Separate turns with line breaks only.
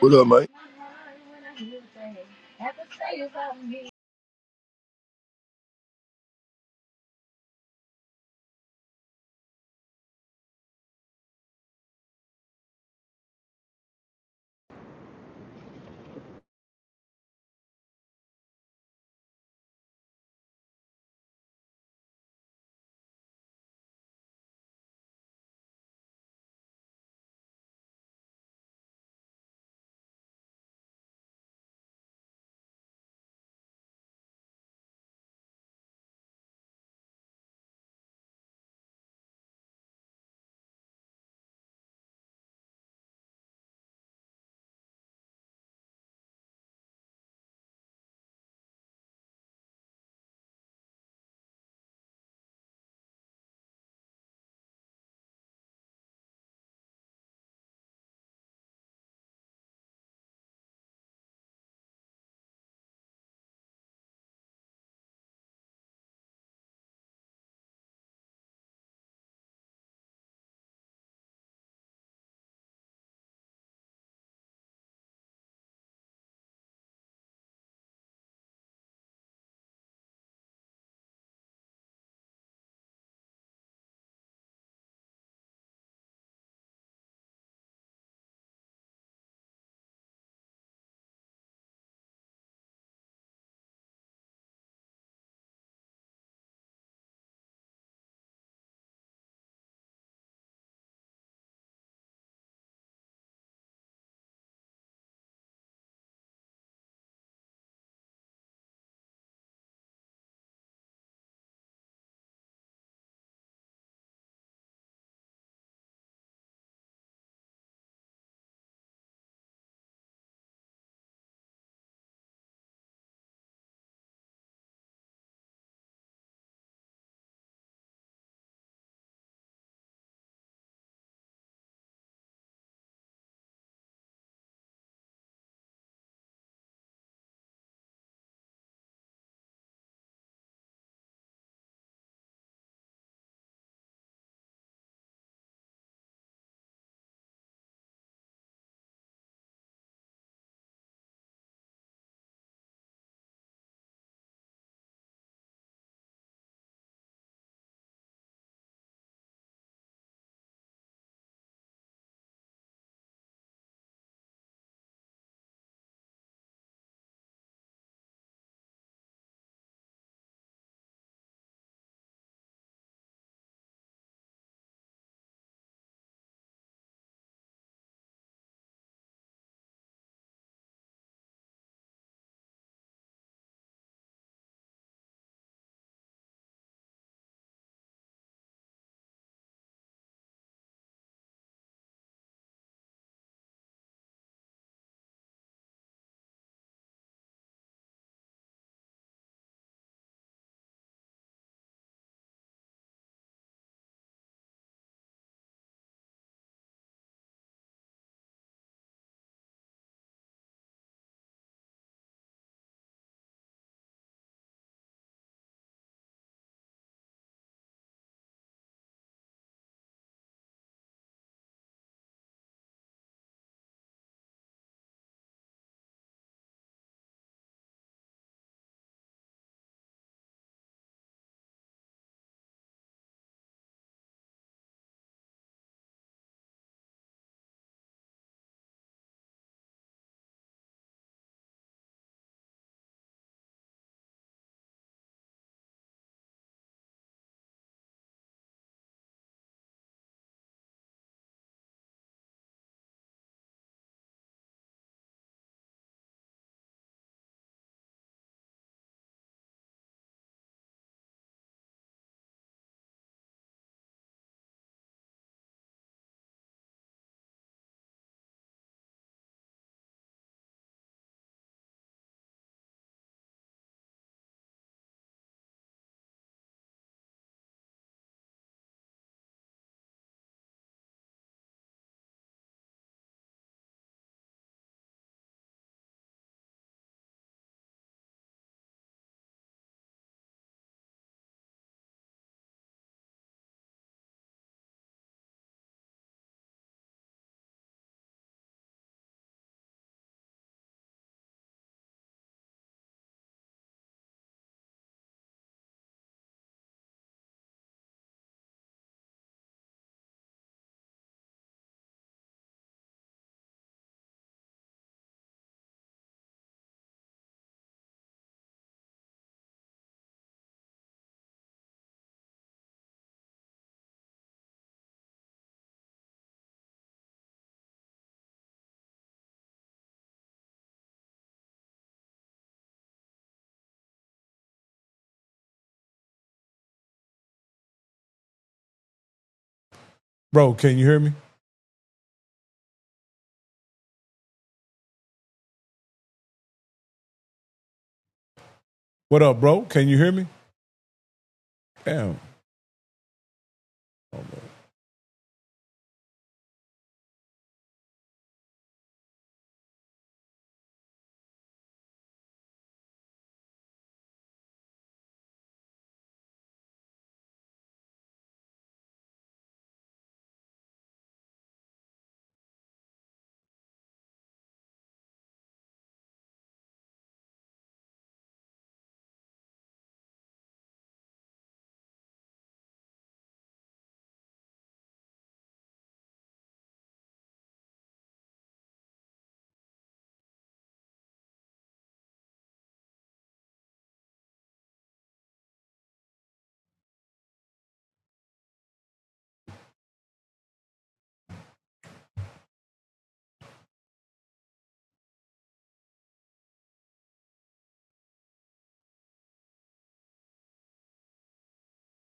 What up, mate?
Bro, can you hear me? What up, bro? Can you hear me? Damn.